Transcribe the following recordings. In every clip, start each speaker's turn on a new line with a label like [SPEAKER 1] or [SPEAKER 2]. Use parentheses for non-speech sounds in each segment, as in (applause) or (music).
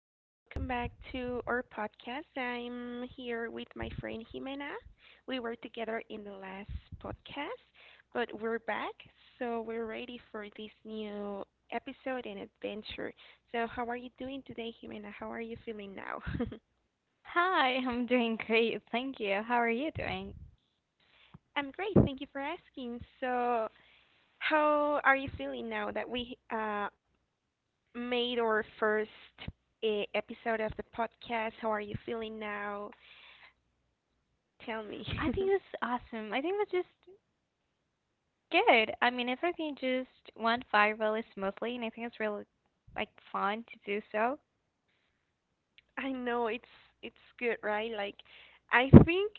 [SPEAKER 1] and welcome back to our podcast. I'm here with my friend Jimena. We were together in the last podcast, but we're back, so we're ready for this new episode and adventure. So, how are you doing today, Jimena? How are you feeling now? (laughs) I'm great. Thank you for asking. So, how are you feeling now that we made our first episode of the podcast? How are you feeling now? Tell me. (laughs) I know it's good, right? Like I think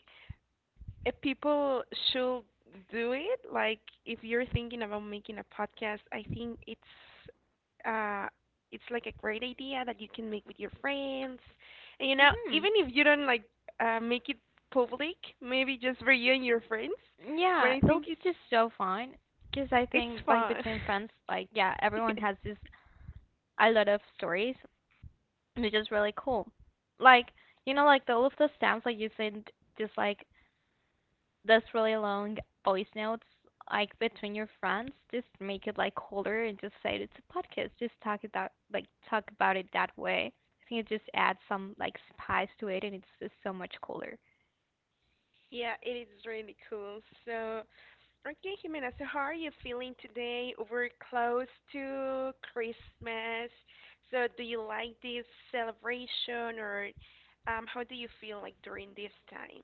[SPEAKER 1] people should do it. Like if you're thinking about making a podcast, I think uh it's like a great idea that you can make with your friends. And even if you don't like make it public, maybe just for you and your friends, but I think it's fun. (laughs) Yeah, it is really cool. So Okay, Jimena, so how are you feeling today? We're close to Christmas. So do you like this celebration or how do you feel like during these times?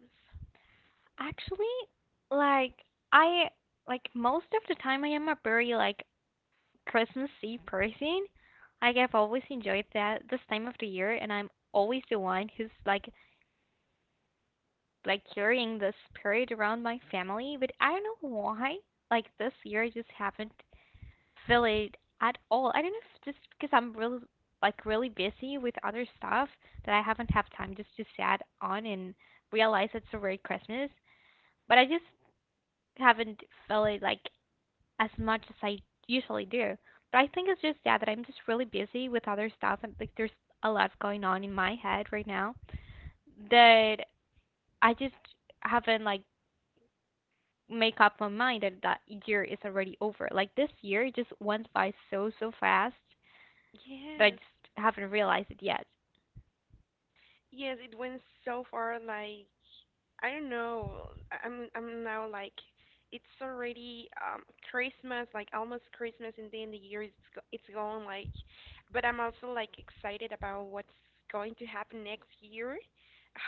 [SPEAKER 1] Yes. Yes, it went so far, like I don't know. I'm now like it's already Christmas, like almost Christmas, and then the year it's gone. Like, but I'm also like excited about what's going to happen next year.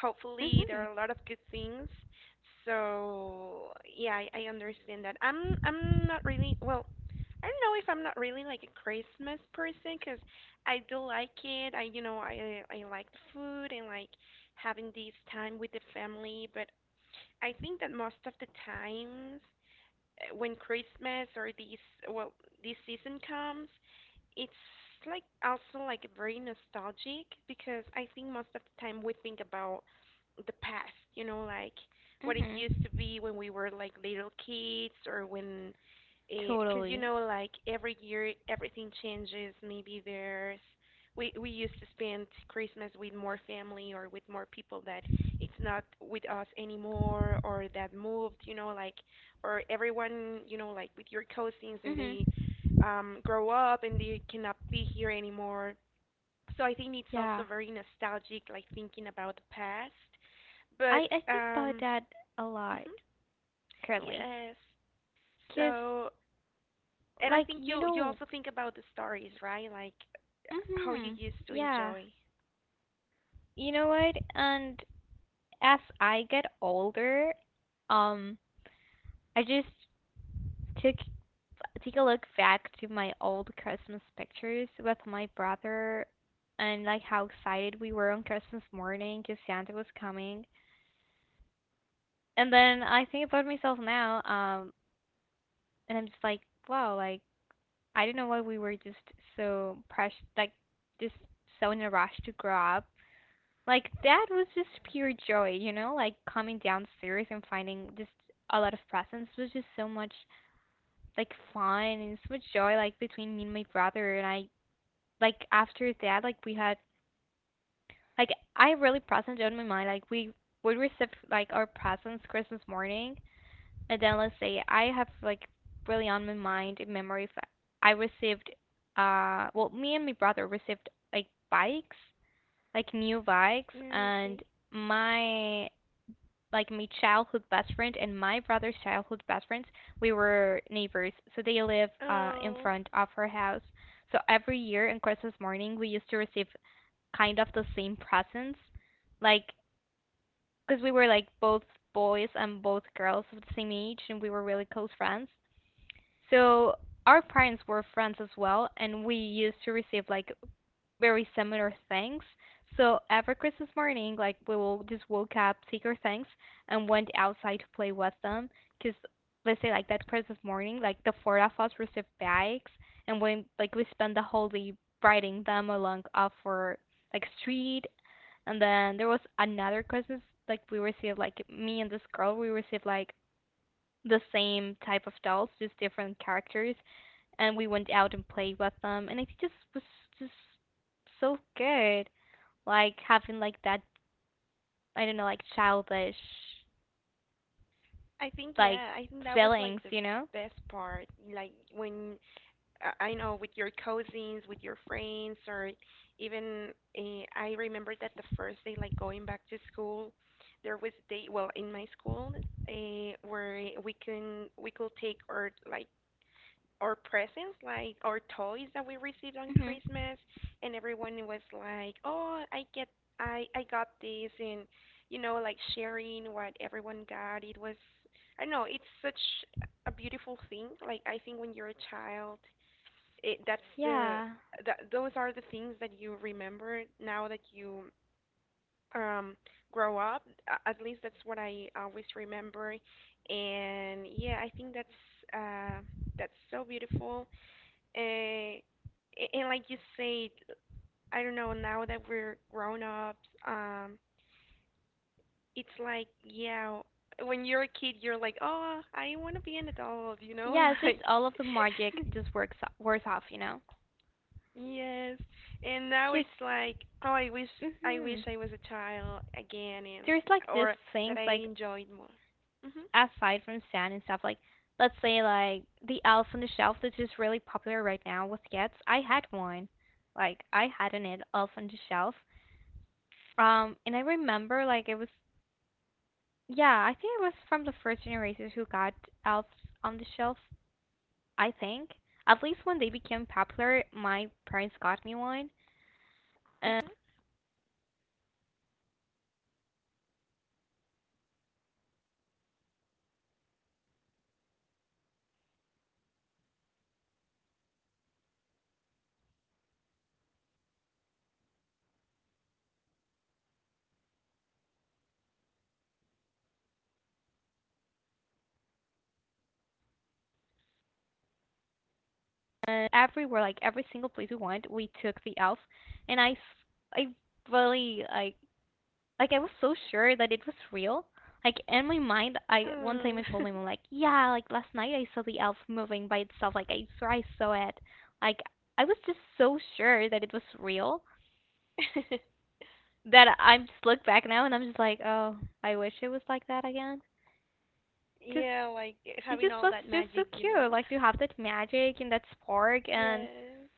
[SPEAKER 1] Hopefully, there are a lot of good things. So yeah, I understand that. I'm not really well. I don't know if I'm not really like a Christmas person, 'cause I do like it. I you know I like the food and like having this time with the family. But I think that most of the times, when Christmas or well this season comes, it's like also like very nostalgic, because I think most of the time we think about the past, like what it used to be when we were like little kids. Or when, because like every year everything changes, maybe there's we used to spend Christmas with more family, or with more people that it's not with us anymore, or that moved, like. Or everyone, like with your cousins, and they grow up and they cannot be here anymore. So I think it's also very nostalgic, like thinking about the past. But um (laughs) mhm, yes. So and I think you also think about the stories, right, like how you used to enjoy. Mm, okay. Oh, I think yeah, I think that was like the best part, like when I know, with your cousins, with your friends, or even, I remember that the first day, like going back to school, there was day, well, in my school, where we could take our, like, our presents, like our toys that we received on Christmas, and everyone was like, "Oh, I got this," and, like sharing what everyone got. It was, I don't know, it's such a beautiful thing. Like I think when you're a child, it, that's the that those are the things that you remember now that you um grow up. At least that's what I always remember. And yeah, I think that's, uh so beautiful. And like you said, I don't know, now that we're grown ups, um, it's like, yeah, when you're a kid, you're like, oh, I want to be an adult, you know? (laughs) Like, (laughs) yes. And now it's like, oh, I wish I was a child again, and or that I enjoyed more. Mhm. Mm. (laughs) Yeah, like having all that magic, you know? (laughs) Yes.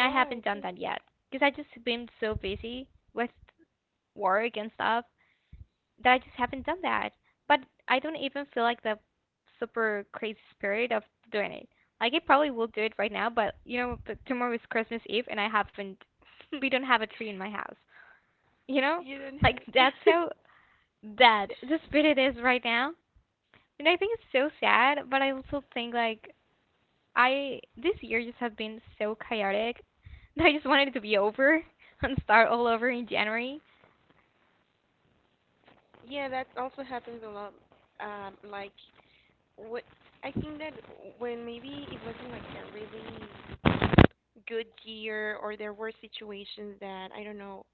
[SPEAKER 1] Oh, okay. You don't have. (laughs) Yeah, that also happens a lot. Like, what I think that when maybe it wasn't like a really good year, or there were situations that I don't know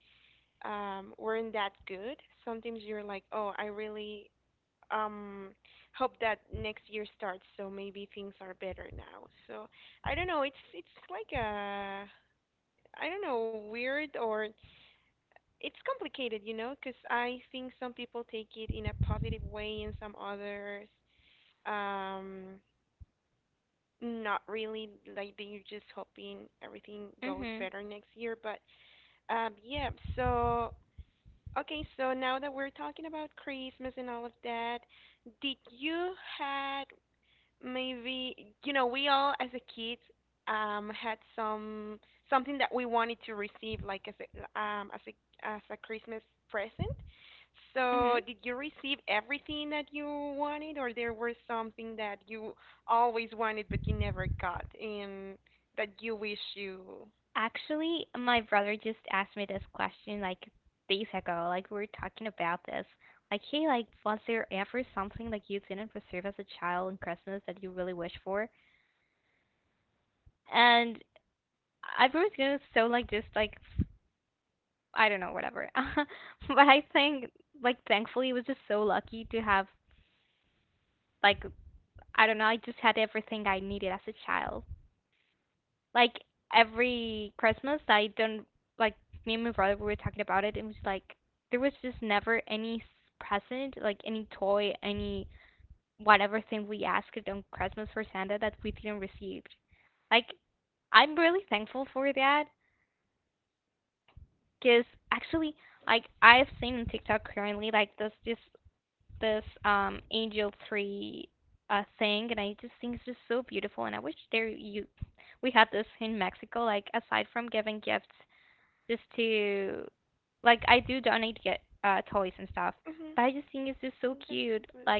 [SPEAKER 1] weren't that good. Sometimes you're like, oh, I really um hope that next year starts, so maybe things are better now. So I don't know. It's like a, I don't know, weird, or it's complicated, because I think some people take it in a positive way and some others. Um, not really. Like they're just hoping everything goes better next year. But yeah. So okay. So now that we're talking about Christmas and all of that, did you had maybe, we all as a kid had something that we wanted to receive, like as a as a as a Christmas present. So, did you receive everything that you wanted, or there were something that you always wanted but you never got, and that you wish you. Mhm. That's good.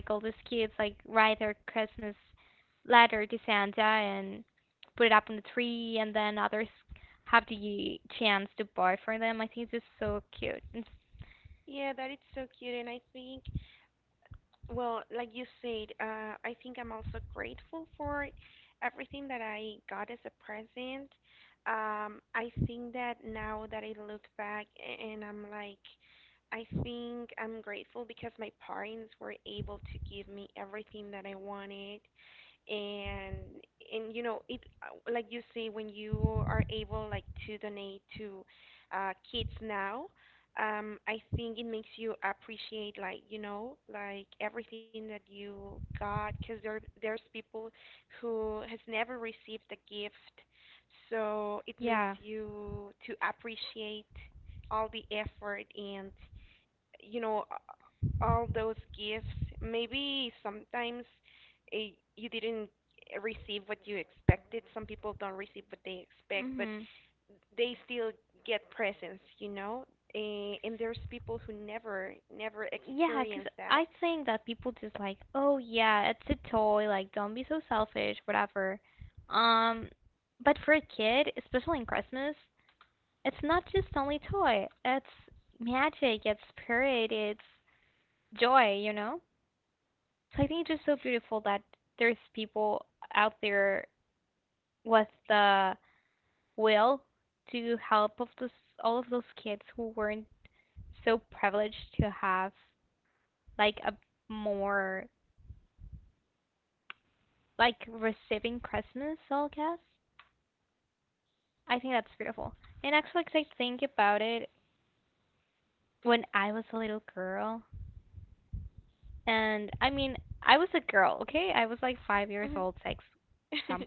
[SPEAKER 1] Yeah, that is so cute, and I think well, like you said, I think I'm also grateful for everything that I got as a present. I think that now that I look back, and I'm like, I think I'm grateful because my parents were able to give me everything that I wanted. and and you know it, like you say, when you are able, like to donate to, kids now. I think it makes you appreciate, like like everything that you got, because there's people who has never received a gift, so it makes you to appreciate all the effort, and you know all those gifts. Maybe sometimes, uh, you didn't receive what you expected. Some people don't receive what they expect, but they still get presents, you know. Eh, and there's people who never experience that. Hmm. (laughs)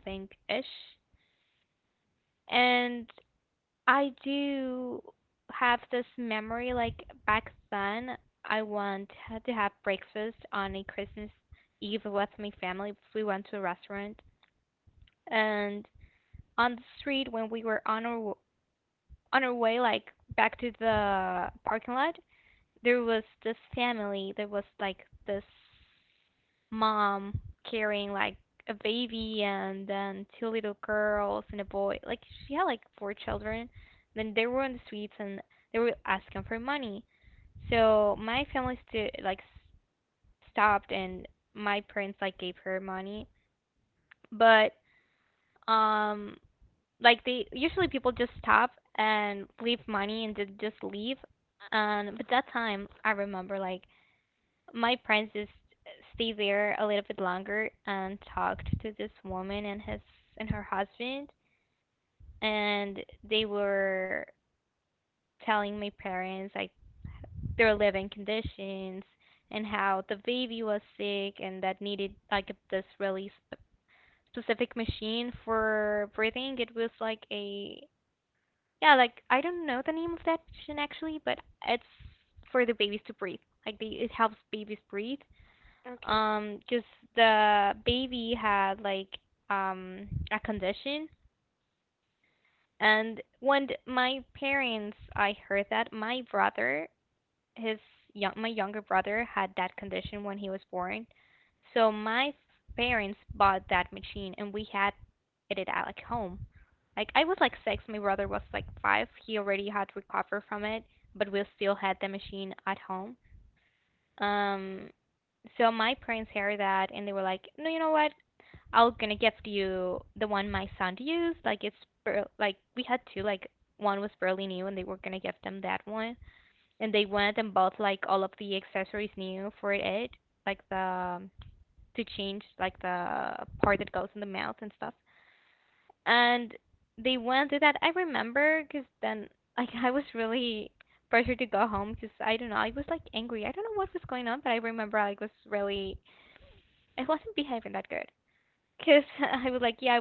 [SPEAKER 1] Okay.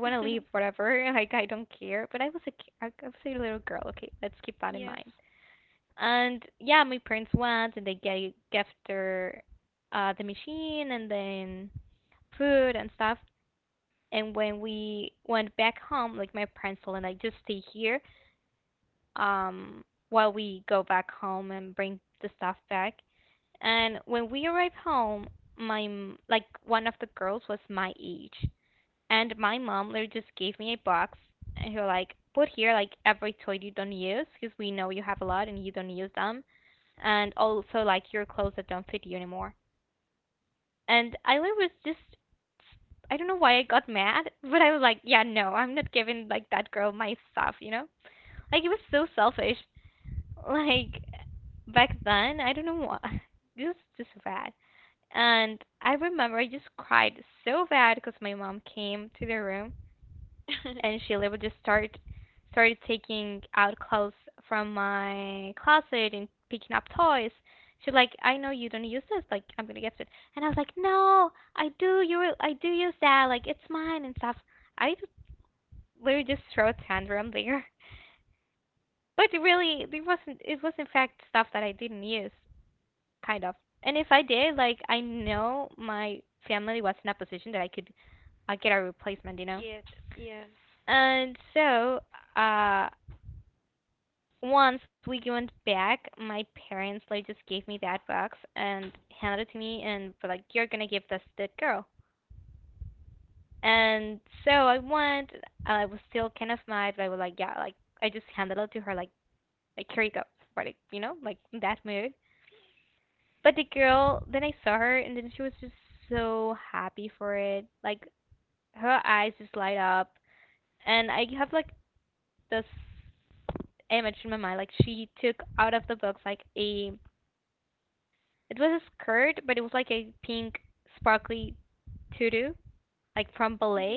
[SPEAKER 1] (laughs) Yes. (laughs) Get. Yes. Hmm.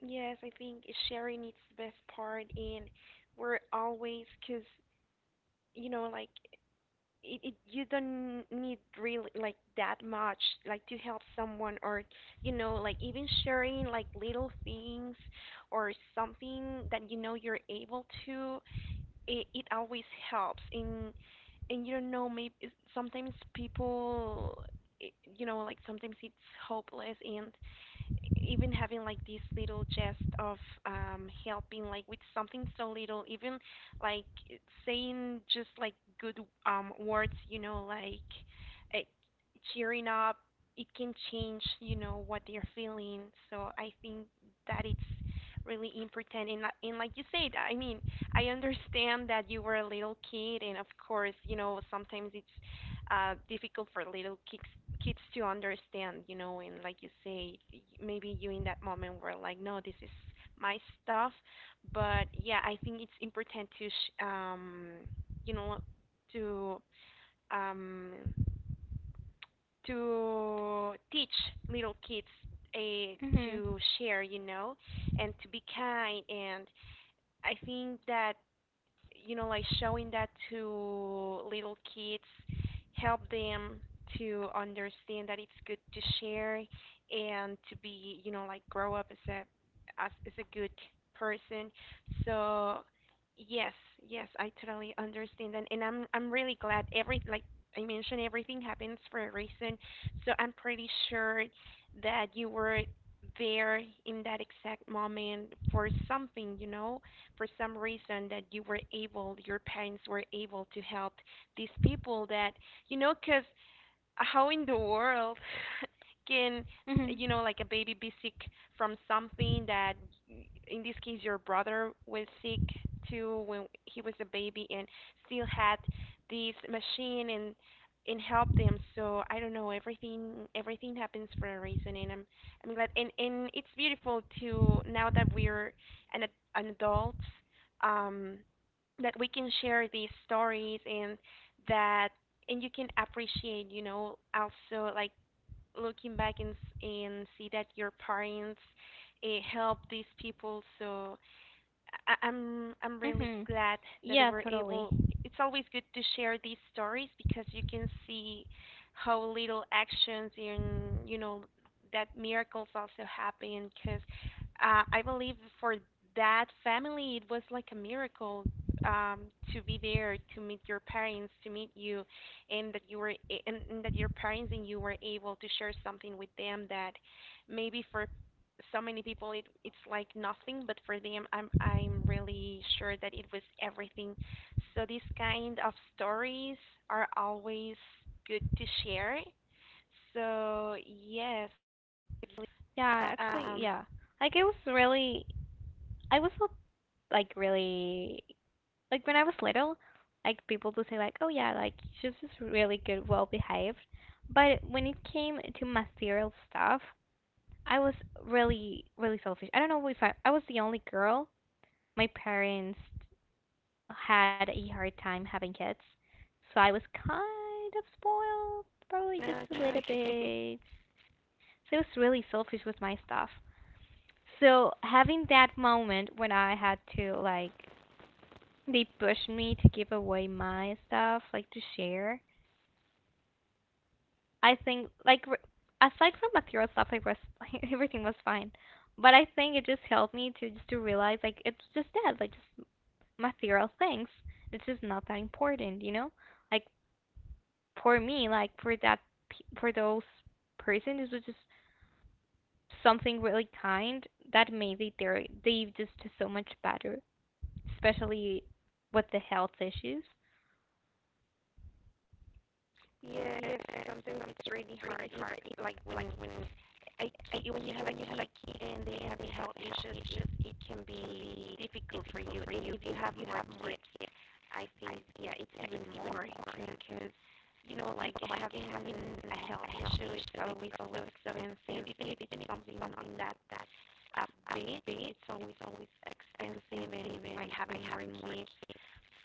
[SPEAKER 1] Yes, I think sharing is the best part, and we're always, 'cause like it you don't need really like that much, like to help someone, or like even sharing like little things, or something that you know you're able to. It always helps. And you don't know, maybe sometimes people, like sometimes it's hopeless, and even having like this little gest of, helping like with something so little, even like saying just like good, words, uh, cheering up, it can change, you know what they're feeling. So I think that it's really important. And, like you said, I mean, I understand that you were a little kid, and of course, sometimes it's, difficult for little kids to understand, you know, and like you say, maybe you in that moment were like, no, this is my stuff. But yeah, I think it's important to, sh- you know, to um, to teach little kids, uh, to share, and to be kind. And I think that, like showing that to little kids, help them to understand that it's good to share, and to be, like grow up as a good person. So yes, yes, I totally understand, and, I'm really glad. Every Like I mentioned, everything happens for a reason. So I'm pretty sure that you were there in that exact moment for something, for some reason, that you were able, your parents were able to help these people that, because how in the world (laughs) can, a baby be sick from something that, in this case, your brother was sick too when he was a baby, and still had this machine, and help them. So I don't know, everything happens for a reason, and I'm glad. And it's beautiful to, now that we're an ad- an adults. um that we can share these stories. And that and you can appreciate, also like, looking back, and, see that your parents, helped these people. So, I'm really glad that we're able. It's always good to share these stories, because you can see how little actions in, that miracles also happen. Because, I believe for that family, it was like a miracle, um, to be there, to meet your parents, to meet you, and that you were a- and that your parents and you were able to share something with them, that maybe for so many people it's like nothing, but for them I'm really sure that it was everything. So these kind of stories are always good to share. So yes, I really, um no, no. (laughs) Yes. Sometimes it's really hard like, when I when you have a kid and they have health issues, it's just, it can be difficult for you, if you have more kids. I think yeah, it's even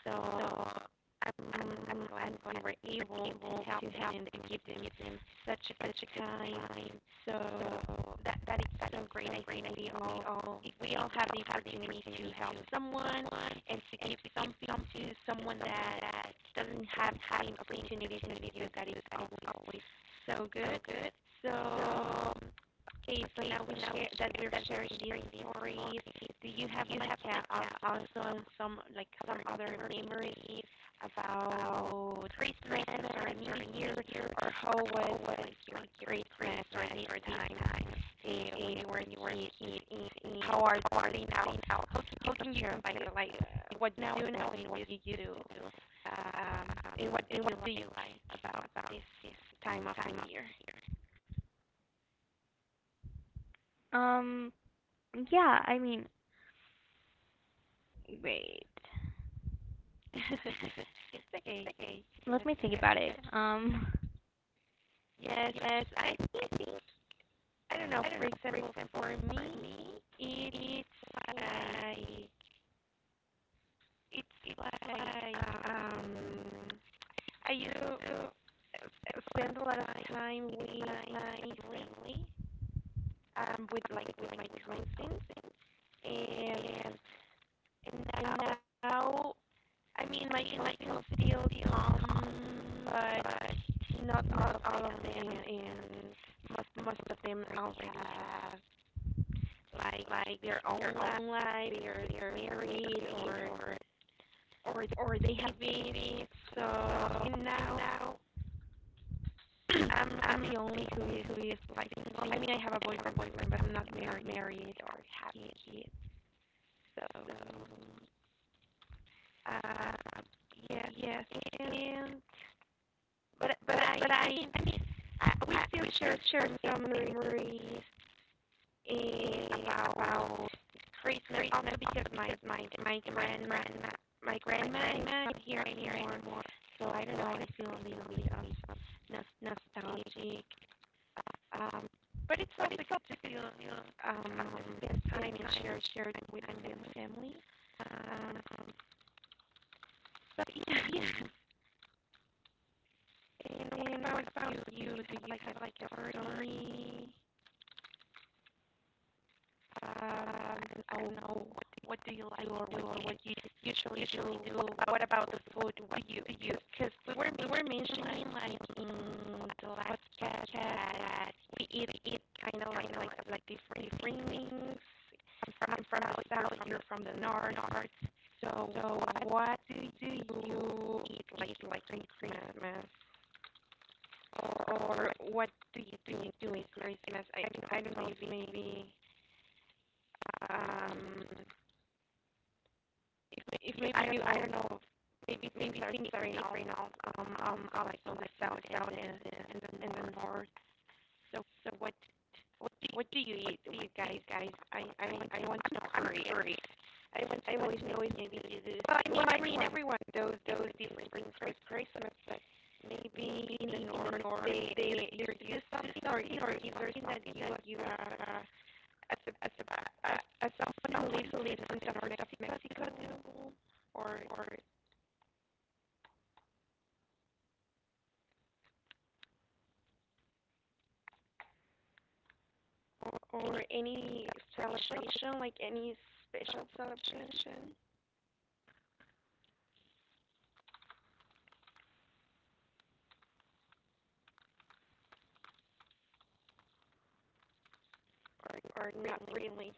[SPEAKER 1] up. So, so good. Good. So, it's like, also some, like, some other memories about party now. How can you combine like, what now, and what you do? Um, and what do you like about this time of time year? (laughs) It's okay. Yes, yes, yes. Yes, yes, I think I don't know. For example, for me, it's like it's like um Are you spend a lot of time with my family, with with my cousins, and, and now I mean my cousins still come, but not all of them, and most of them already have like their own life, they're married or they have babies. So and now I'm the only who is like single. I mean, I have a boyfriend, but I'm not married or have kids. So, uh, yes, yes, and but I mean, we still share some memories and about Christmas, also because my grandma my grandma I'm here and here and more. So I don't know. I feel a little bit um, no, nostalgic. Um, but it's me. So yeah, yeah. And I found you to you had like a story. Um, I don't know what do you like or what you usually do. What about the food? What do you use? Because we were mentioning like lots of like different things from the south, you're from the north. So what do you eat like during Christmas? Or what do you do in Christmas? I don't know maybe um if, if maybe I don't know maybe things are safe enough right now, like so on the south, and the north. So what, what do you eat, do you guys, or, or any celebration, like any special celebration, or not really.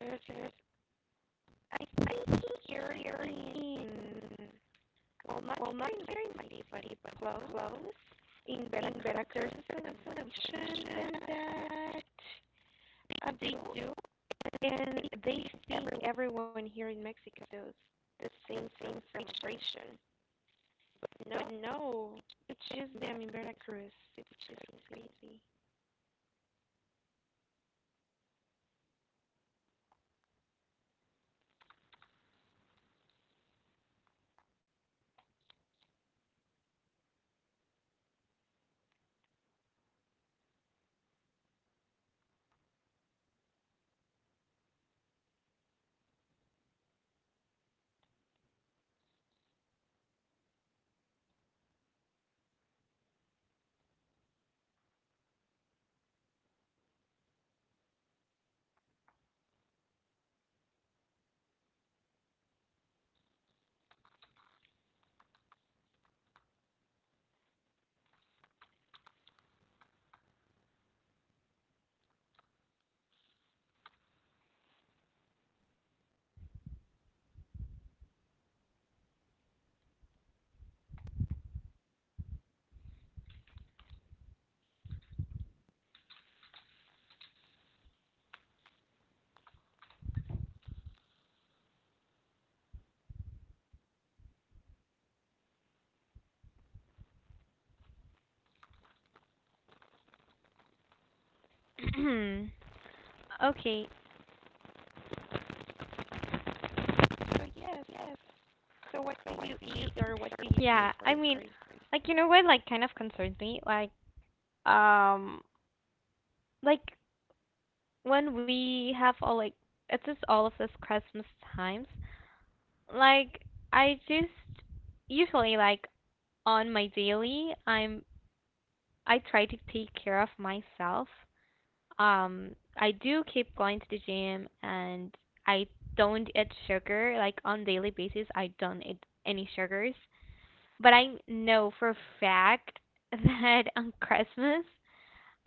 [SPEAKER 1] There's, there's, I think here in, well, not here in my city, but close, in Veracruz, there's a celebration that that they do. And they think everyone here in Mexico feels the same frustration. No, no, it's just them in Veracruz. It's just crazy.
[SPEAKER 2] (clears throat) Okay. Yeah. I mean, what like kind of concerns me? Um like when we have all like it's just all of this Christmas times. Like I just usually like on my daily I try to take care of myself. I do keep going to the gym and I don't eat sugar. Like on daily basis I don't eat any sugars. But I know for a fact (laughs) that on Christmas,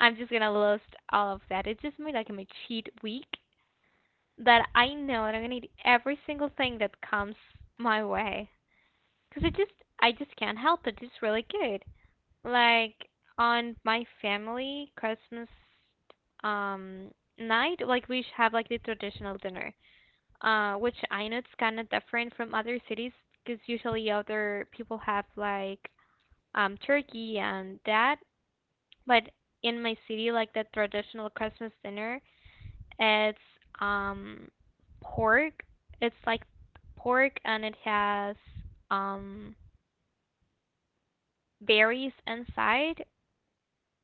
[SPEAKER 2] I'm just gonna list all of that. It's just my cheat week that I know that I'm gonna eat every single thing that comes my way. Cause it just I just can't help it. It's really good. Like on my family Christmas um night, like we have like the traditional dinner, which I know it's kind of different from other cities because usually other people have like turkey and that. But in my city, like the traditional Christmas dinner, it's um, pork. It's like pork and it has um, berries inside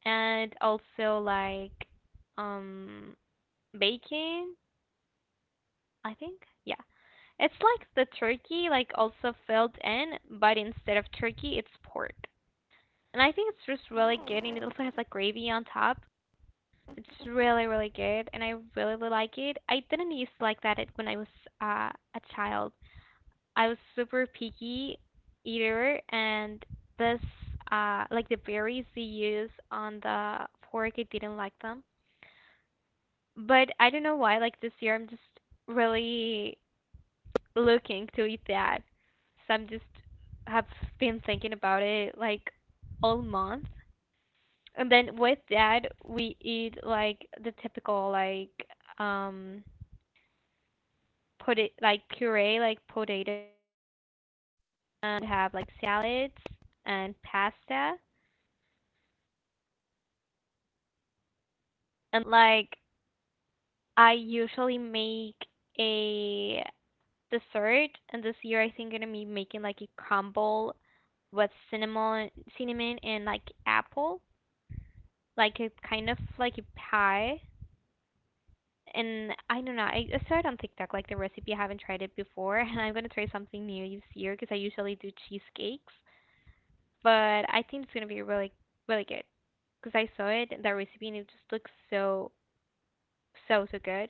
[SPEAKER 2] and also like um, bacon, I think. Yeah. It's like the turkey, like also filled in, but instead of turkey, it's pork. And I think it's just really good, and it also has like gravy on top. It's really, really good, and I really, really like it. I didn't used to like that when I was a child. I was super picky eater, and this, like the berries they use on the fork, I didn't like them. But I don't know why, like this year, I'm just really looking to eat that. So I'm just have been thinking about it like all month. And then with that, we eat like the typical like um like puree like potatoes and have like salads and pasta and like I usually make a dessert, and this year I think I'm gonna be making like a crumble with cinnamon and like apple, like a kind of like a pie. And I don't know, I saw it on TikTok, like the recipe. I haven't tried it before, (laughs) and I'm gonna try something new this year because I usually do cheesecakes, but I think it's gonna be really really good because I saw it the recipe and it just looks so so so good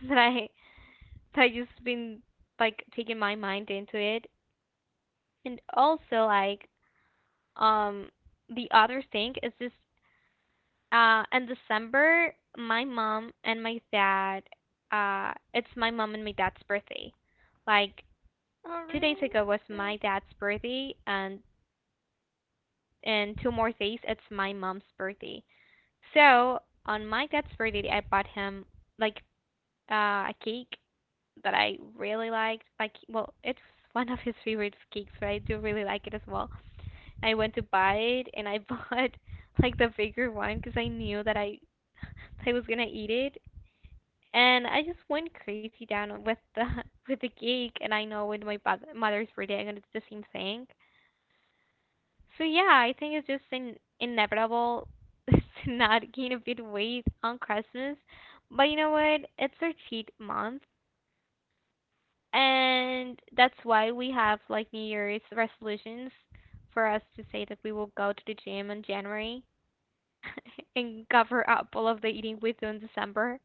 [SPEAKER 2] (laughs) that I that I just been like taking my mind into it. And also like um the other thing is just in December my mom and my dad it's my mom and my dad's birthday. Like 2 days ago was my dad's birthday, and in 2 more days it's my mom's birthday. So on my dad's birthday I bought him like a cake that I really liked. Like, well, it's one of his favorite cakes, but I do really like it as well. I went to buy it, and I (laughs) bought like the bigger one because I knew that I was gonna eat it, and I just went crazy down with the (laughs) with the cake. And I know with my mother's birthday, I'm gonna do the same thing. So yeah, I think it's just inevitable (laughs) to not gain a bit of weight on Christmas. But you know what? It's our cheat month, and that's why we have like New Year's resolutions for us to say that we will go to the gym in January (laughs) and cover up all of the eating we do in December.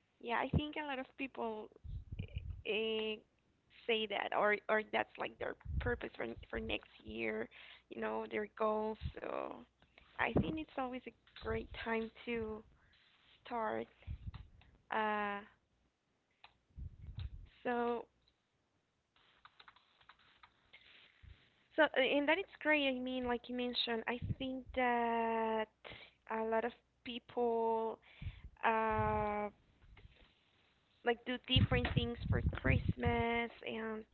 [SPEAKER 1] (laughs) Yeah, I think a lot of people uh, say that, or that's like their purpose for next year. You know, their goals. So I think it's always a great time to start. Uh, so and that it's great. I mean, like you mentioned, I think that a lot of people uh like do different things for Christmas, and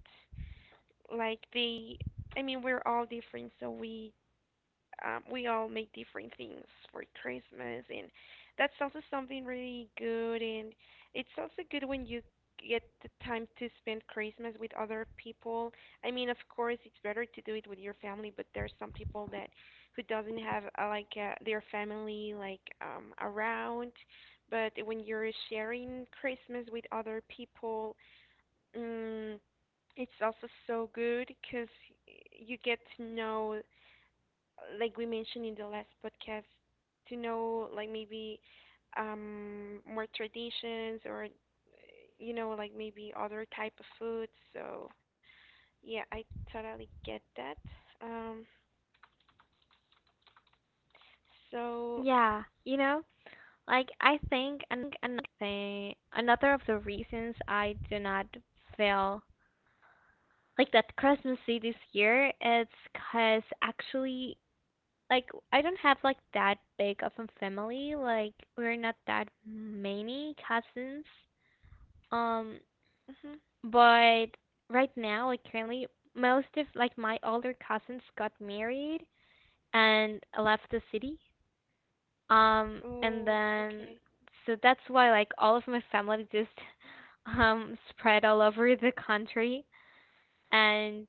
[SPEAKER 1] like they I mean, we're all different, so we all make different things for Christmas, and that's also something really good. And it's also good when you get the time to spend Christmas with other people. I mean, of course, it's better to do it with your family, but there's some people that who doesn't have their family around. But when you're sharing Christmas with other people, mm, it's also so good because you get to know like we mentioned in the last podcast, to know like maybe more traditions or you know like maybe other type of food. So yeah, I totally get that. Um, so
[SPEAKER 2] Yeah, you know, like I think another thing, another of the reasons I do not feel like that Christmassy this year is because actually like I don't have like that big of a family. Like we're not that many cousins. Um,
[SPEAKER 1] mhm.
[SPEAKER 2] But right now, like currently, most of like my older cousins got married and left the city. And
[SPEAKER 1] Oh,
[SPEAKER 2] then
[SPEAKER 1] okay.
[SPEAKER 2] so that's why like all of my family just (laughs) spread all over the country. And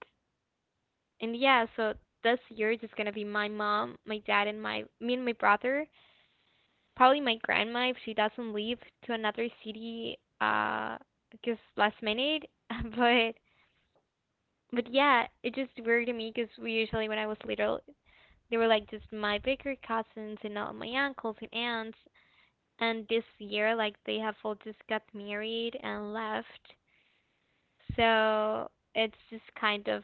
[SPEAKER 2] and yeah, so this year it's just gonna be my mom, my dad, and my me and my brother. Probably my grandma if she doesn't leave to another city just last minute. (laughs) But But yeah, it just weird to me because we usually, when I was little, they were like just my bigger cousins and all my uncles and aunts. And this year, like they have all just got married and left. So it's just kind of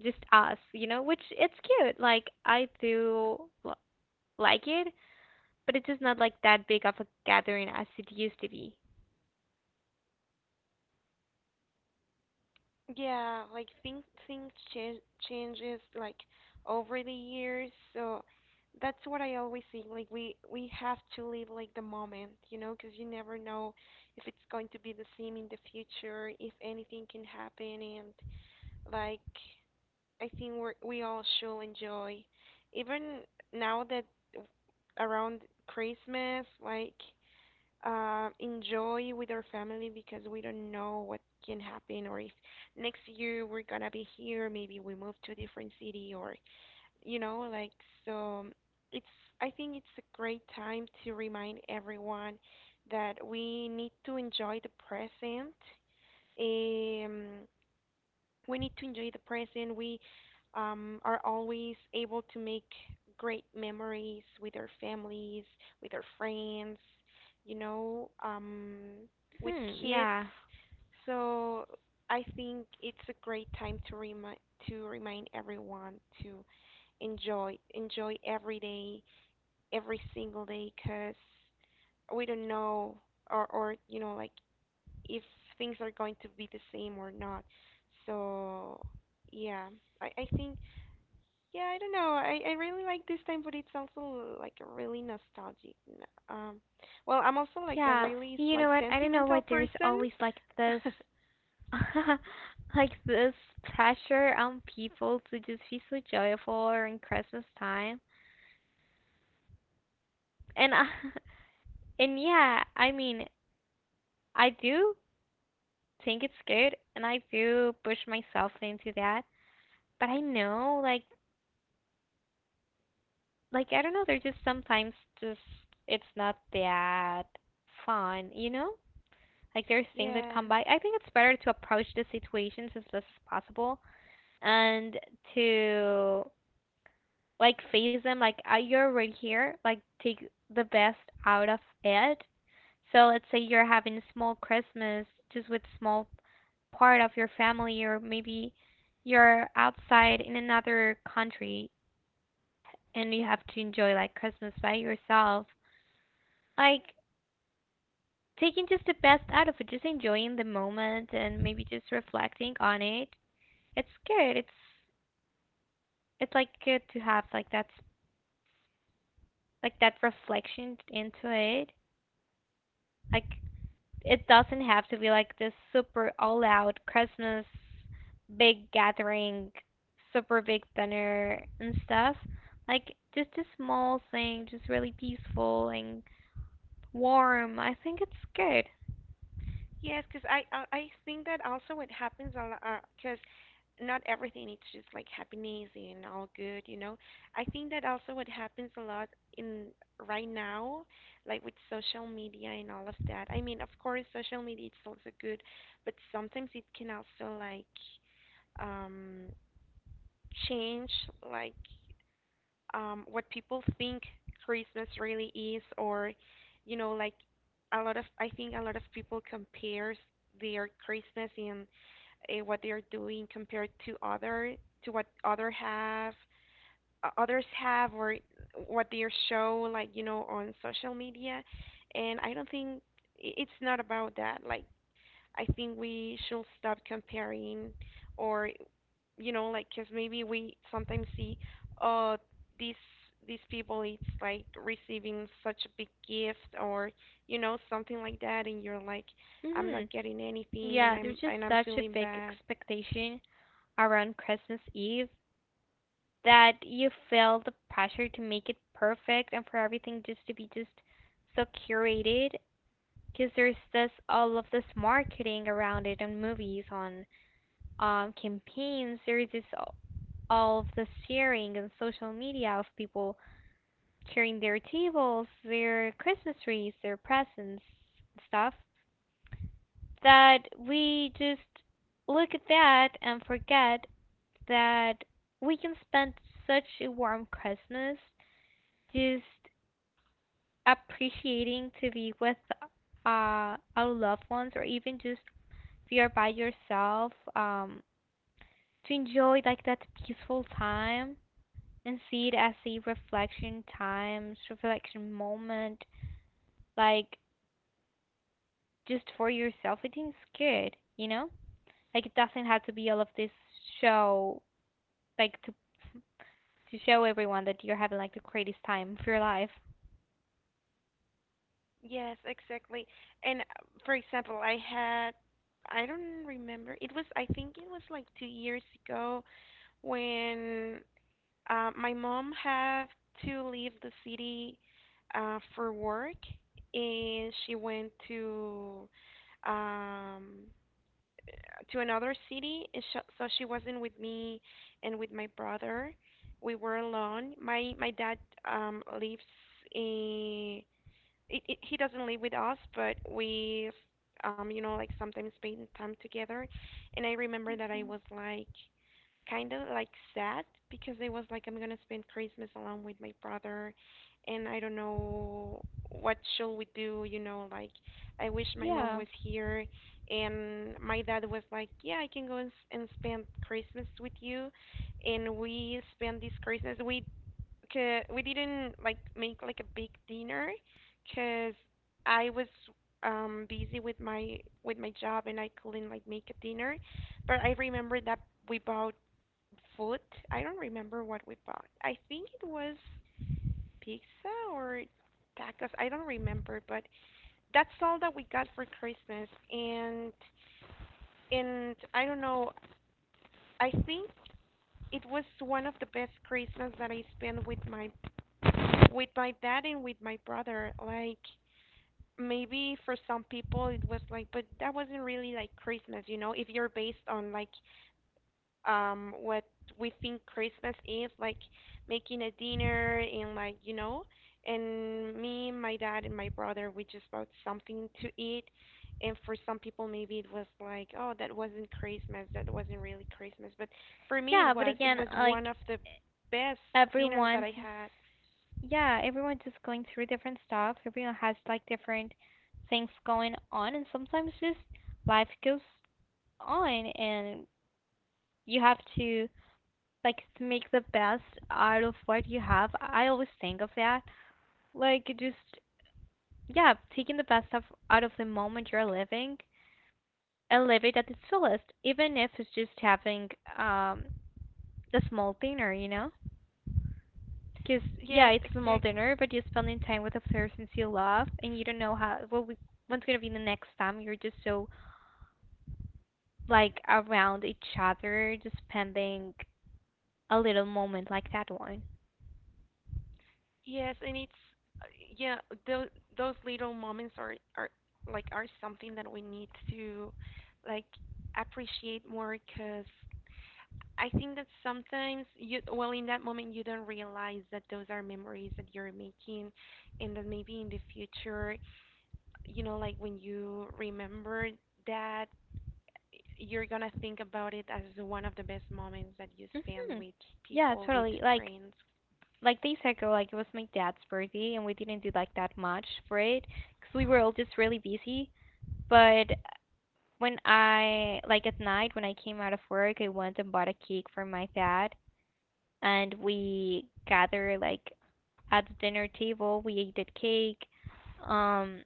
[SPEAKER 2] just us, you know, which it's cute. Like I do l- like it, but it's just not like that big of a gathering as it used to be.
[SPEAKER 1] Yeah, like things change changes like over the years. So that's what I always think. Like we have to live like the moment, you know, because you never know if it's going to be the same in the future, if anything can happen, and like I think we all should enjoy, even now that around Christmas, like enjoy with our family because we don't know what can happen or if next year we're gonna be here, maybe we move to a different city or you know, like so it's I think it's a great time to remind everyone that we need to enjoy the present. Um, we need to enjoy the present. We are always able to make great memories with our families, with our friends, you know, with
[SPEAKER 2] Hmm,
[SPEAKER 1] kids.
[SPEAKER 2] yeah.
[SPEAKER 1] So I think it's a great time to remind everyone to enjoy every day, every single day, because we don't know or you know like if things are going to be the same or not. So yeah, I think yeah I don't know I really like this time, but it's also like a really nostalgic. Um, well I'm also like a
[SPEAKER 2] Yeah.
[SPEAKER 1] really
[SPEAKER 2] You
[SPEAKER 1] like
[SPEAKER 2] know what? I don't know
[SPEAKER 1] sentimental
[SPEAKER 2] why there's
[SPEAKER 1] person.
[SPEAKER 2] always like this
[SPEAKER 1] (laughs)
[SPEAKER 2] (laughs) like this pressure on people to just be so joyful around Christmas time. And I, (laughs) and yeah, I mean, I do think it's good, and I do push myself into that. But I know, like I don't know, there's just sometimes just it's not that fun, you know? Like there's things that
[SPEAKER 1] Yeah.
[SPEAKER 2] come by. I think it's better to approach the situations as best as possible and to like face them like you're right here, like take the best out of it. So let's say you're having a small Christmas, just with small part of your family, or maybe you're outside in another country and you have to enjoy like Christmas by yourself. Like taking just the best out of it, just enjoying the moment and maybe just reflecting on it. It's good, it's like good to have like that reflection into it. Like it doesn't have to be like this super all out Christmas big gathering, super big dinner and stuff. Like just a small thing, just really peaceful and warm. I think it's good.
[SPEAKER 1] Yes, because I I think that also what happens a lot because not everything it's just like happiness and all good, you know. I think that also what happens a lot in right now, like with social media and all of that. I mean, of course, social media it's also good, but sometimes it can also like um change like what people think Christmas really is, or you know, like a lot of I think a lot of people compares their Christmas and what they are doing compared to other to what other have others have or what they show like you know on social media, and I don't think it's not about that. Like I think we should stop comparing or you know, like, cause maybe we sometimes see, oh, these these people, it's like receiving such a big gift or, you know, something like that, and you're like, I'm
[SPEAKER 2] Mhm.
[SPEAKER 1] not getting anything, and
[SPEAKER 2] Yeah, there's
[SPEAKER 1] I'm
[SPEAKER 2] just
[SPEAKER 1] and I'm
[SPEAKER 2] such a
[SPEAKER 1] feeling
[SPEAKER 2] big
[SPEAKER 1] bad.
[SPEAKER 2] expectation around Christmas Eve that you feel the pressure to make it perfect and for everything just to be just so curated, because there's this all of this marketing around it on movies, on campaigns, there's this of the sharing on social media of people sharing their tables, their Christmas trees, their presents, stuff that we just look at that and forget that we can spend such a warm Christmas just appreciating to be with our loved ones, or even just if you're by yourself, to enjoy like that peaceful time and see it as a reflection time, reflection moment, like just for yourself. I think it's good, you know? Like it doesn't have to be all of this show, like to show everyone that you're having like the greatest time of your life.
[SPEAKER 1] Yes, exactly. And for example, I don't remember. It was, I think it was like 2 years ago when my mom had to leave the city for work, and she went um, to another city, and so she wasn't with me and with my brother. We were alone. My dad lives in. He doesn't live with us, but we, you know, like sometimes spend time together. And I remember that I
[SPEAKER 2] Hmm.
[SPEAKER 1] was like kind of like sad because it was like I'm gonna spend Christmas alone with my brother, and I don't know what should we do. You know, like I wish my mom
[SPEAKER 2] Yeah.
[SPEAKER 1] was here, and my dad was like, "Yeah, I can go and, and spend Christmas with you," and we spent this Christmas. We we didn't like make like a big dinner, cause I was busy with my job and I couldn't like make a dinner, but I remember that we bought food. I don't remember what we bought. I think it was pizza or tacos. I don't remember, but that's all that we got for Christmas. And I don't know. I think it was one of the best Christmas that I spent with my dad and with my brother. Like maybe for some people it was like, but that wasn't really like Christmas, you know. If you're based on like what we think Christmas is, like making a dinner and like, you know, and me, my dad and my brother, we just bought something to eat. And for some people maybe it was like, oh, that wasn't Christmas, that wasn't really Christmas. But for me it
[SPEAKER 2] Yeah, but
[SPEAKER 1] was. It
[SPEAKER 2] again,
[SPEAKER 1] was one
[SPEAKER 2] like
[SPEAKER 1] of the best dinners that
[SPEAKER 2] everyone's
[SPEAKER 1] I had.
[SPEAKER 2] yeah, everyone's just going through different stuff. Everyone has like different things going on, and sometimes just life goes on, and you have to like to make the best out of what you have. I always think of that, like just yeah, taking the best of out of the moment you're living and live it at its fullest, even if it's just having um a small dinner, you know. Because, yeah,
[SPEAKER 1] Yes,
[SPEAKER 2] it's a small
[SPEAKER 1] exactly.
[SPEAKER 2] dinner, but you're spending time with the person you love, and you don't know how, what's going to be the next time. You're just so, like, around each other, just spending a little moment like that one.
[SPEAKER 1] Yes, and it's uh, yeah, those those little moments are something that we need to like appreciate more because I think that sometimes you well in that moment you don't realize that those are memories that you're making and that maybe in the future, you know, like when you remember that you're gonna think about it as one of the best moments that you spend
[SPEAKER 2] Hmm.
[SPEAKER 1] with
[SPEAKER 2] Yeah,
[SPEAKER 1] people, with
[SPEAKER 2] totally.
[SPEAKER 1] friends.
[SPEAKER 2] Like days ago, like, it was my dad's birthday, and we didn't do, like, that much for it, because we were all just really busy. But when I, like, at night, when I came out of work, I went and bought a cake for my dad, and we gather like at the dinner table. We ate cake, um,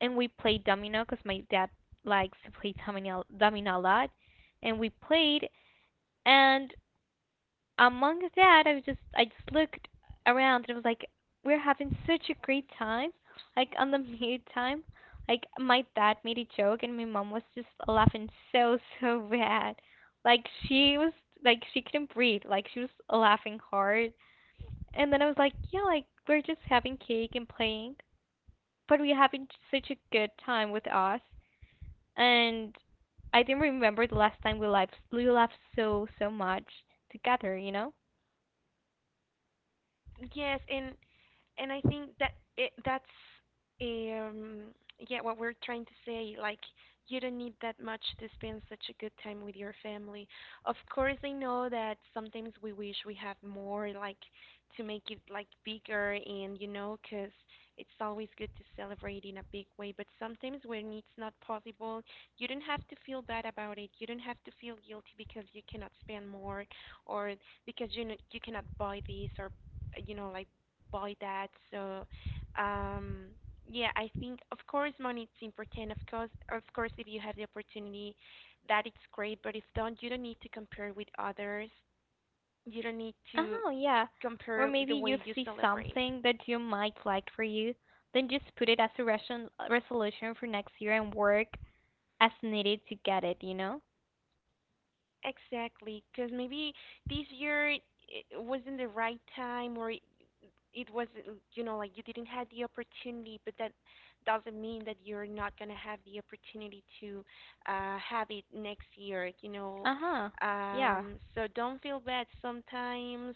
[SPEAKER 2] and we played domino because my dad likes to play domino a lot, and we played. And among that, I just looked around and it was like, we're having such a great time. Like on the (laughs) mute time, like my dad made a joke and my mom was just laughing so so bad. Like she was like she couldn't breathe. Like she was laughing hard, and then I was like, yeah, like we're just having cake and playing, but we're having such a good time with us. And I didn't remember the last time we laughed so so much together, you know?
[SPEAKER 1] Yes, and I think that that's um, yeah what we're trying to say. Like you don't need that much to spend such a good time with your family. Of course, I know that sometimes we wish we have more, like to make it like bigger, and you know, 'cause it's always good to celebrate in a big way. But sometimes when it's not possible, you don't have to feel bad about it. You don't have to feel guilty because you cannot spend more, or because you know, you cannot buy this or you know like by that. So, um, yeah, I think of course money is important. Of course, if you have the opportunity, that it's great. But if don't, you don't need to compare with others. You don't need to
[SPEAKER 2] Oh yeah. Or
[SPEAKER 1] compare
[SPEAKER 2] maybe
[SPEAKER 1] the
[SPEAKER 2] you
[SPEAKER 1] way you
[SPEAKER 2] see
[SPEAKER 1] celebrate.
[SPEAKER 2] something that you might like for you, then just put it as a resolution for next year and work as needed to get it, you know?
[SPEAKER 1] Exactly, because maybe this year it wasn't the right time, or it wasn't like you didn't have the opportunity. But that doesn't mean that you're not going to have the opportunity to have it next year.
[SPEAKER 2] Uh huh. Yeah.
[SPEAKER 1] So don't feel bad sometimes,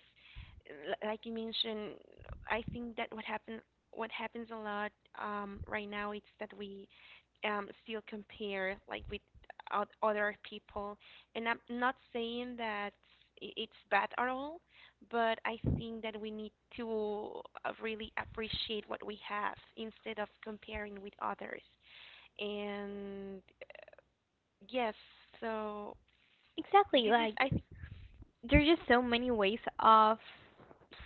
[SPEAKER 1] like you mentioned. I think that what happens a lot right now, it's that we still compare, like, with other people. And I'm not saying that it's bad at all, but I think that we need to really appreciate what we have instead of comparing with others. And yes, so
[SPEAKER 2] Exactly.
[SPEAKER 1] this is I
[SPEAKER 2] Like
[SPEAKER 1] th-
[SPEAKER 2] there's just so many ways of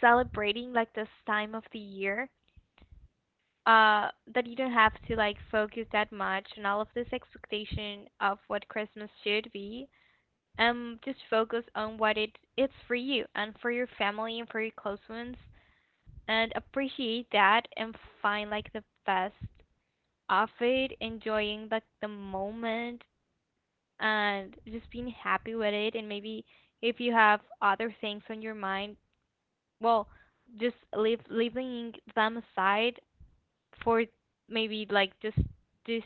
[SPEAKER 2] celebrating like this time of the year uh that you don't have to like focus that much on all of this expectation of what Christmas should be. Just focus on what it's for you and for your family and for your close ones, and appreciate that and find like the best of it, enjoying like the moment and just being happy with it. And maybe if you have other things on your mind, well, just leave leaving them aside for maybe like just this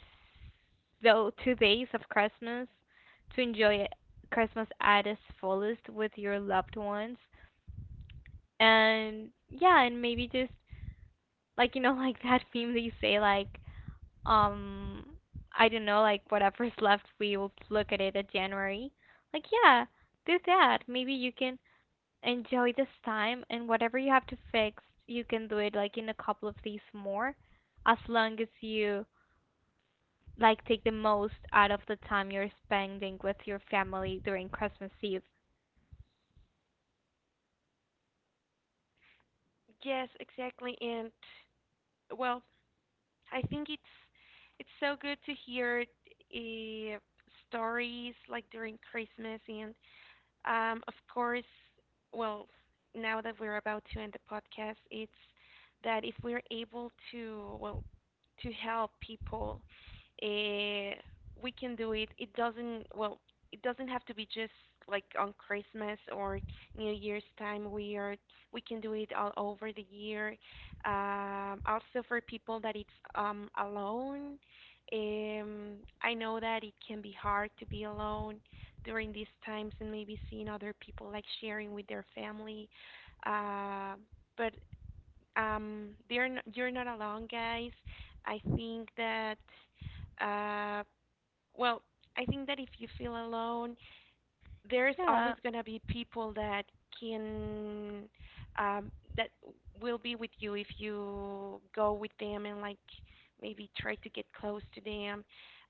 [SPEAKER 2] though 2 days of Christmas to enjoy Christmas at its fullest with your loved ones. And yeah, and maybe just like you know, (laughs) like that meme that you say like, um I don't know, like whatever's left we will look at it at January. Like yeah, do that. Maybe you can enjoy this time, and whatever you have to fix, you can do it like in a couple of days more, as long as you like take the most out of the time you're spending with your family during Christmas Eve.
[SPEAKER 1] yes, exactly. And, well, I think it's so good to hear, uh, stories like during Christmas. And of course, well, now that we're about to end the podcast, it's that if we're able to, well, to help people. Uh, we can do it. It doesn't well. It doesn't have to be just like on Christmas or New Year's time. We can do it all over the year. Also for people that it's, um, alone. Um, I know that it can be hard to be alone during these times, and maybe seeing other people like sharing with their family. Uh, but you're not alone, guys. I think that, uh, well, I think that if you feel alone, there's always
[SPEAKER 2] Yeah.
[SPEAKER 1] gonna be people that can, um, that will be with you if you go with them and, like, maybe try to get close to them.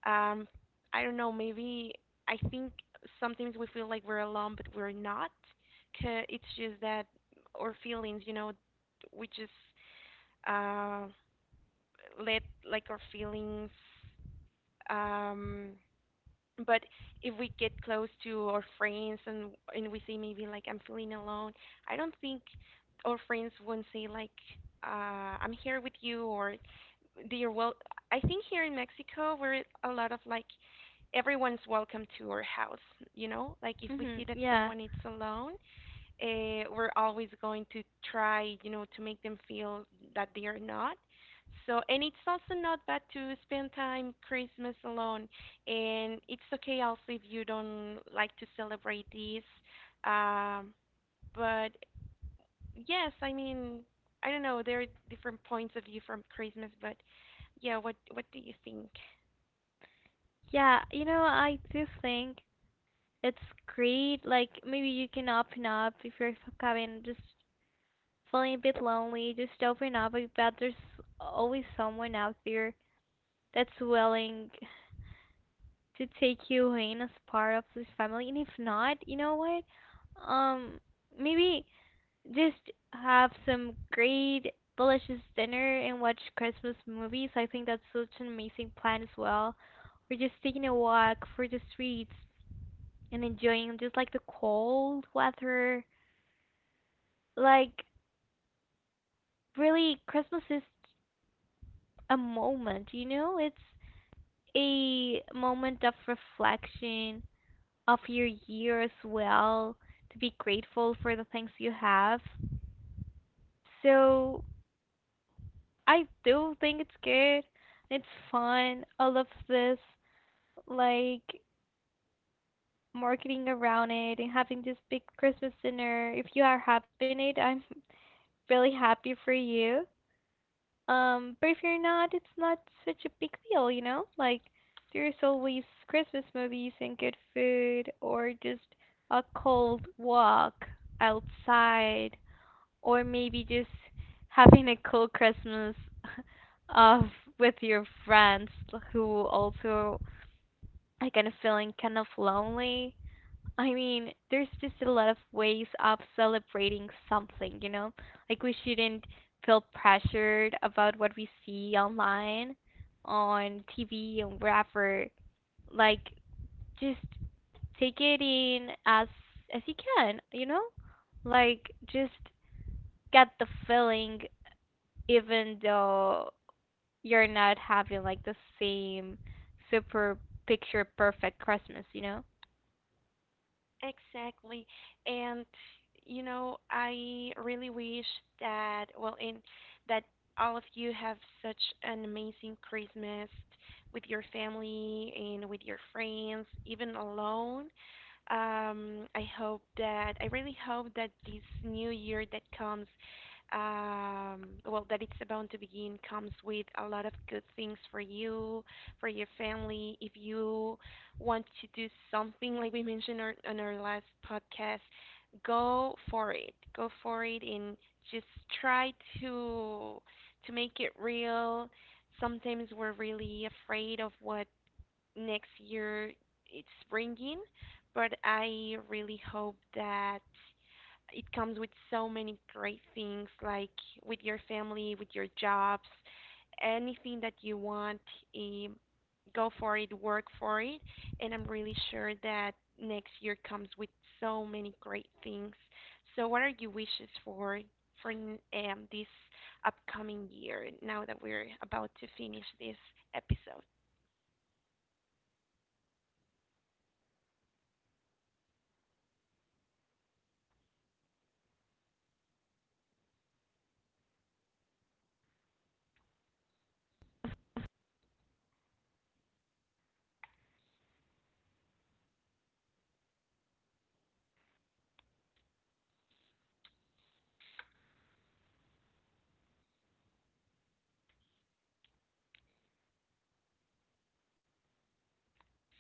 [SPEAKER 1] Um, I don't know. Maybe I think sometimes we feel like we're alone, but we're not. 'Cause it's just that our feelings, you know, we just, uh, let, like, our feelings, um but if we get close to our friends, and we say, maybe like, I'm feeling alone, I don't think our friends won't say, like, I'm here with you. Or they're, well, I think here in Mexico we're a lot of like everyone's welcome to our house, you know? Like if we
[SPEAKER 2] Mhm.
[SPEAKER 1] see that
[SPEAKER 2] Yeah.
[SPEAKER 1] someone is alone, we're always going to try, you know, to make them feel that they are not. So, and it's also not bad to spend time Christmas alone, and it's okay also if you don't like to celebrate this. Um, but yes, I mean, I don't know. There are different points of view from Christmas, but yeah, what do you think?
[SPEAKER 2] Yeah, you know, I do think it's great. Like maybe you can open up if you're having just feeling a bit lonely, just open up. I bet there's always someone out there that's willing to take you in as part of this family. And if not, you know what? Um, Maybe just have some great delicious dinner and watch Christmas movies. I think that's such an amazing plan as well. We're just taking a walk through the streets and enjoying just like the cold weather. Like really Christmas is a moment, you know? It's a moment of reflection of your year as well, to be grateful for the things you have. So I do think it's good. It's fun, I love this, like marketing around it and having this big Christmas dinner. If you are having it, I'm (laughs) really happy for you. But if you're not, it's not such a big deal, you know? Like, there's always Christmas movies and good food, or just a cold walk outside, or maybe just having a cool Christmas (laughs) of with your friends who also are kind of feeling kind of lonely. I mean, there's just a lot of ways of celebrating something, you know? Like we shouldn't feel pressured about what we see online on TV and wherever. Like just take it in as you can, you know? Like just get the feeling even though you're not having like the same super picture perfect Christmas, you know?
[SPEAKER 1] Exactly. And you know, I really wish that, well, in that all of you have such an amazing Christmas with your family and with your friends, even alone. I really hope that this new year that comes, well, that it's about to begin, comes with a lot of good things for you, for your family. If you want to do something, like we mentioned on our last podcast, go for it. Go for it, and just try to to make it real. Sometimes we're really afraid of what next year it's springing, but I really hope that it comes with so many great things, like with your family, with your jobs, anything that you want, um, go for it, work for it, and I'm really sure that next year comes with so many great things. So what are your wishes for for this upcoming year now that we're about to finish this episode?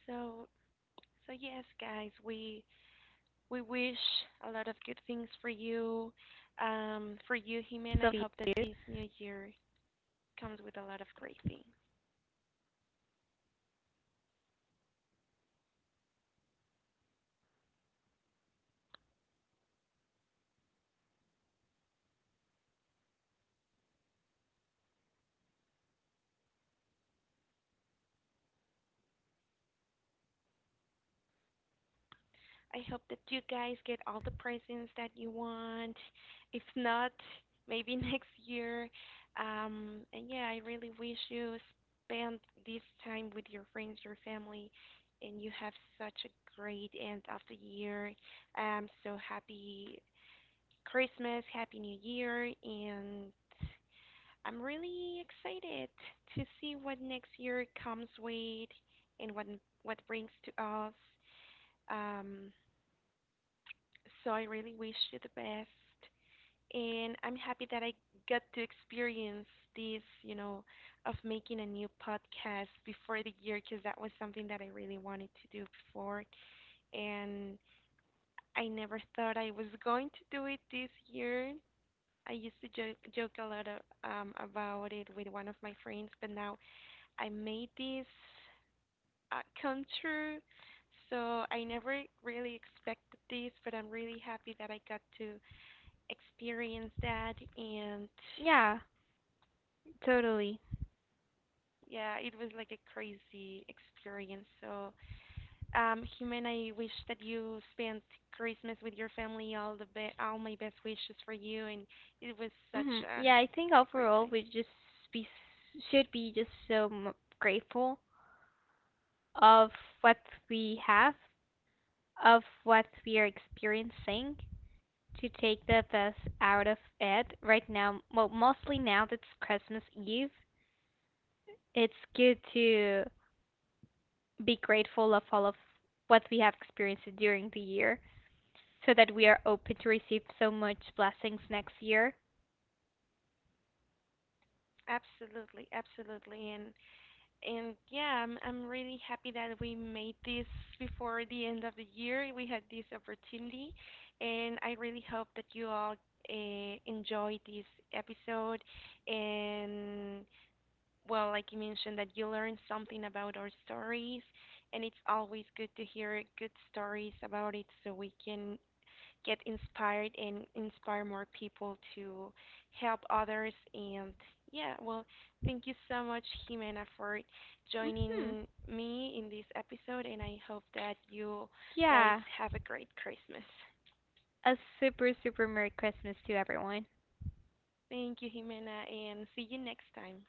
[SPEAKER 1] So So yes, guys, we wish a lot of good things for you, Jimen. I
[SPEAKER 2] So
[SPEAKER 1] hope that this new year comes with a lot of great things. I hope that you guys get all the presents that you want. If not, maybe (laughs) next year. And yeah, I really wish you spend this time with your friends, your family, and you have such a great end of the year. I'm so happy Christmas, Happy New Year, and I'm really excited to see what next year comes with and what brings to us. Um, so I really wish you the best, and I'm happy that I got to experience this, you know, of making a new podcast before the year, because that was something that I really wanted to do before, and I never thought I was going to do it this year. I used to joke a lot of, about it with one of my friends, but now I made this, come true. So I never really expected this, but I'm really happy that I got to experience that. And
[SPEAKER 2] yeah, totally.
[SPEAKER 1] yeah, it was like a crazy experience. So, Jimena, I wish that you spent Christmas with your family. All my best wishes for you, and it was such
[SPEAKER 2] Hmm. Yeah, I think
[SPEAKER 1] a great
[SPEAKER 2] overall
[SPEAKER 1] time.
[SPEAKER 2] we just be should be just so grateful of what we have, of what we are experiencing, to take the best out of it right now. Well, mostly now that's Christmas Eve. It's good to be grateful of all of what we have experienced during the year so that we are open to receive so much blessings next year.
[SPEAKER 1] Absolutely, absolutely, And yeah, I'm really happy that we made this before the end of the year. We had this opportunity, and I really hope that you all enjoyed this episode. And, well, like you mentioned, that you learned something about our stories, and it's always good to hear good stories about it, so we can get inspired and inspire more people to help others. And yeah, well, thank you so much, Jimena, for
[SPEAKER 2] Mhm.
[SPEAKER 1] joining me in this episode. And I hope that you guys
[SPEAKER 2] Yeah.
[SPEAKER 1] have a great Christmas.
[SPEAKER 2] A super super merry Christmas to everyone.
[SPEAKER 1] Thank you, Jimena, and see you next time.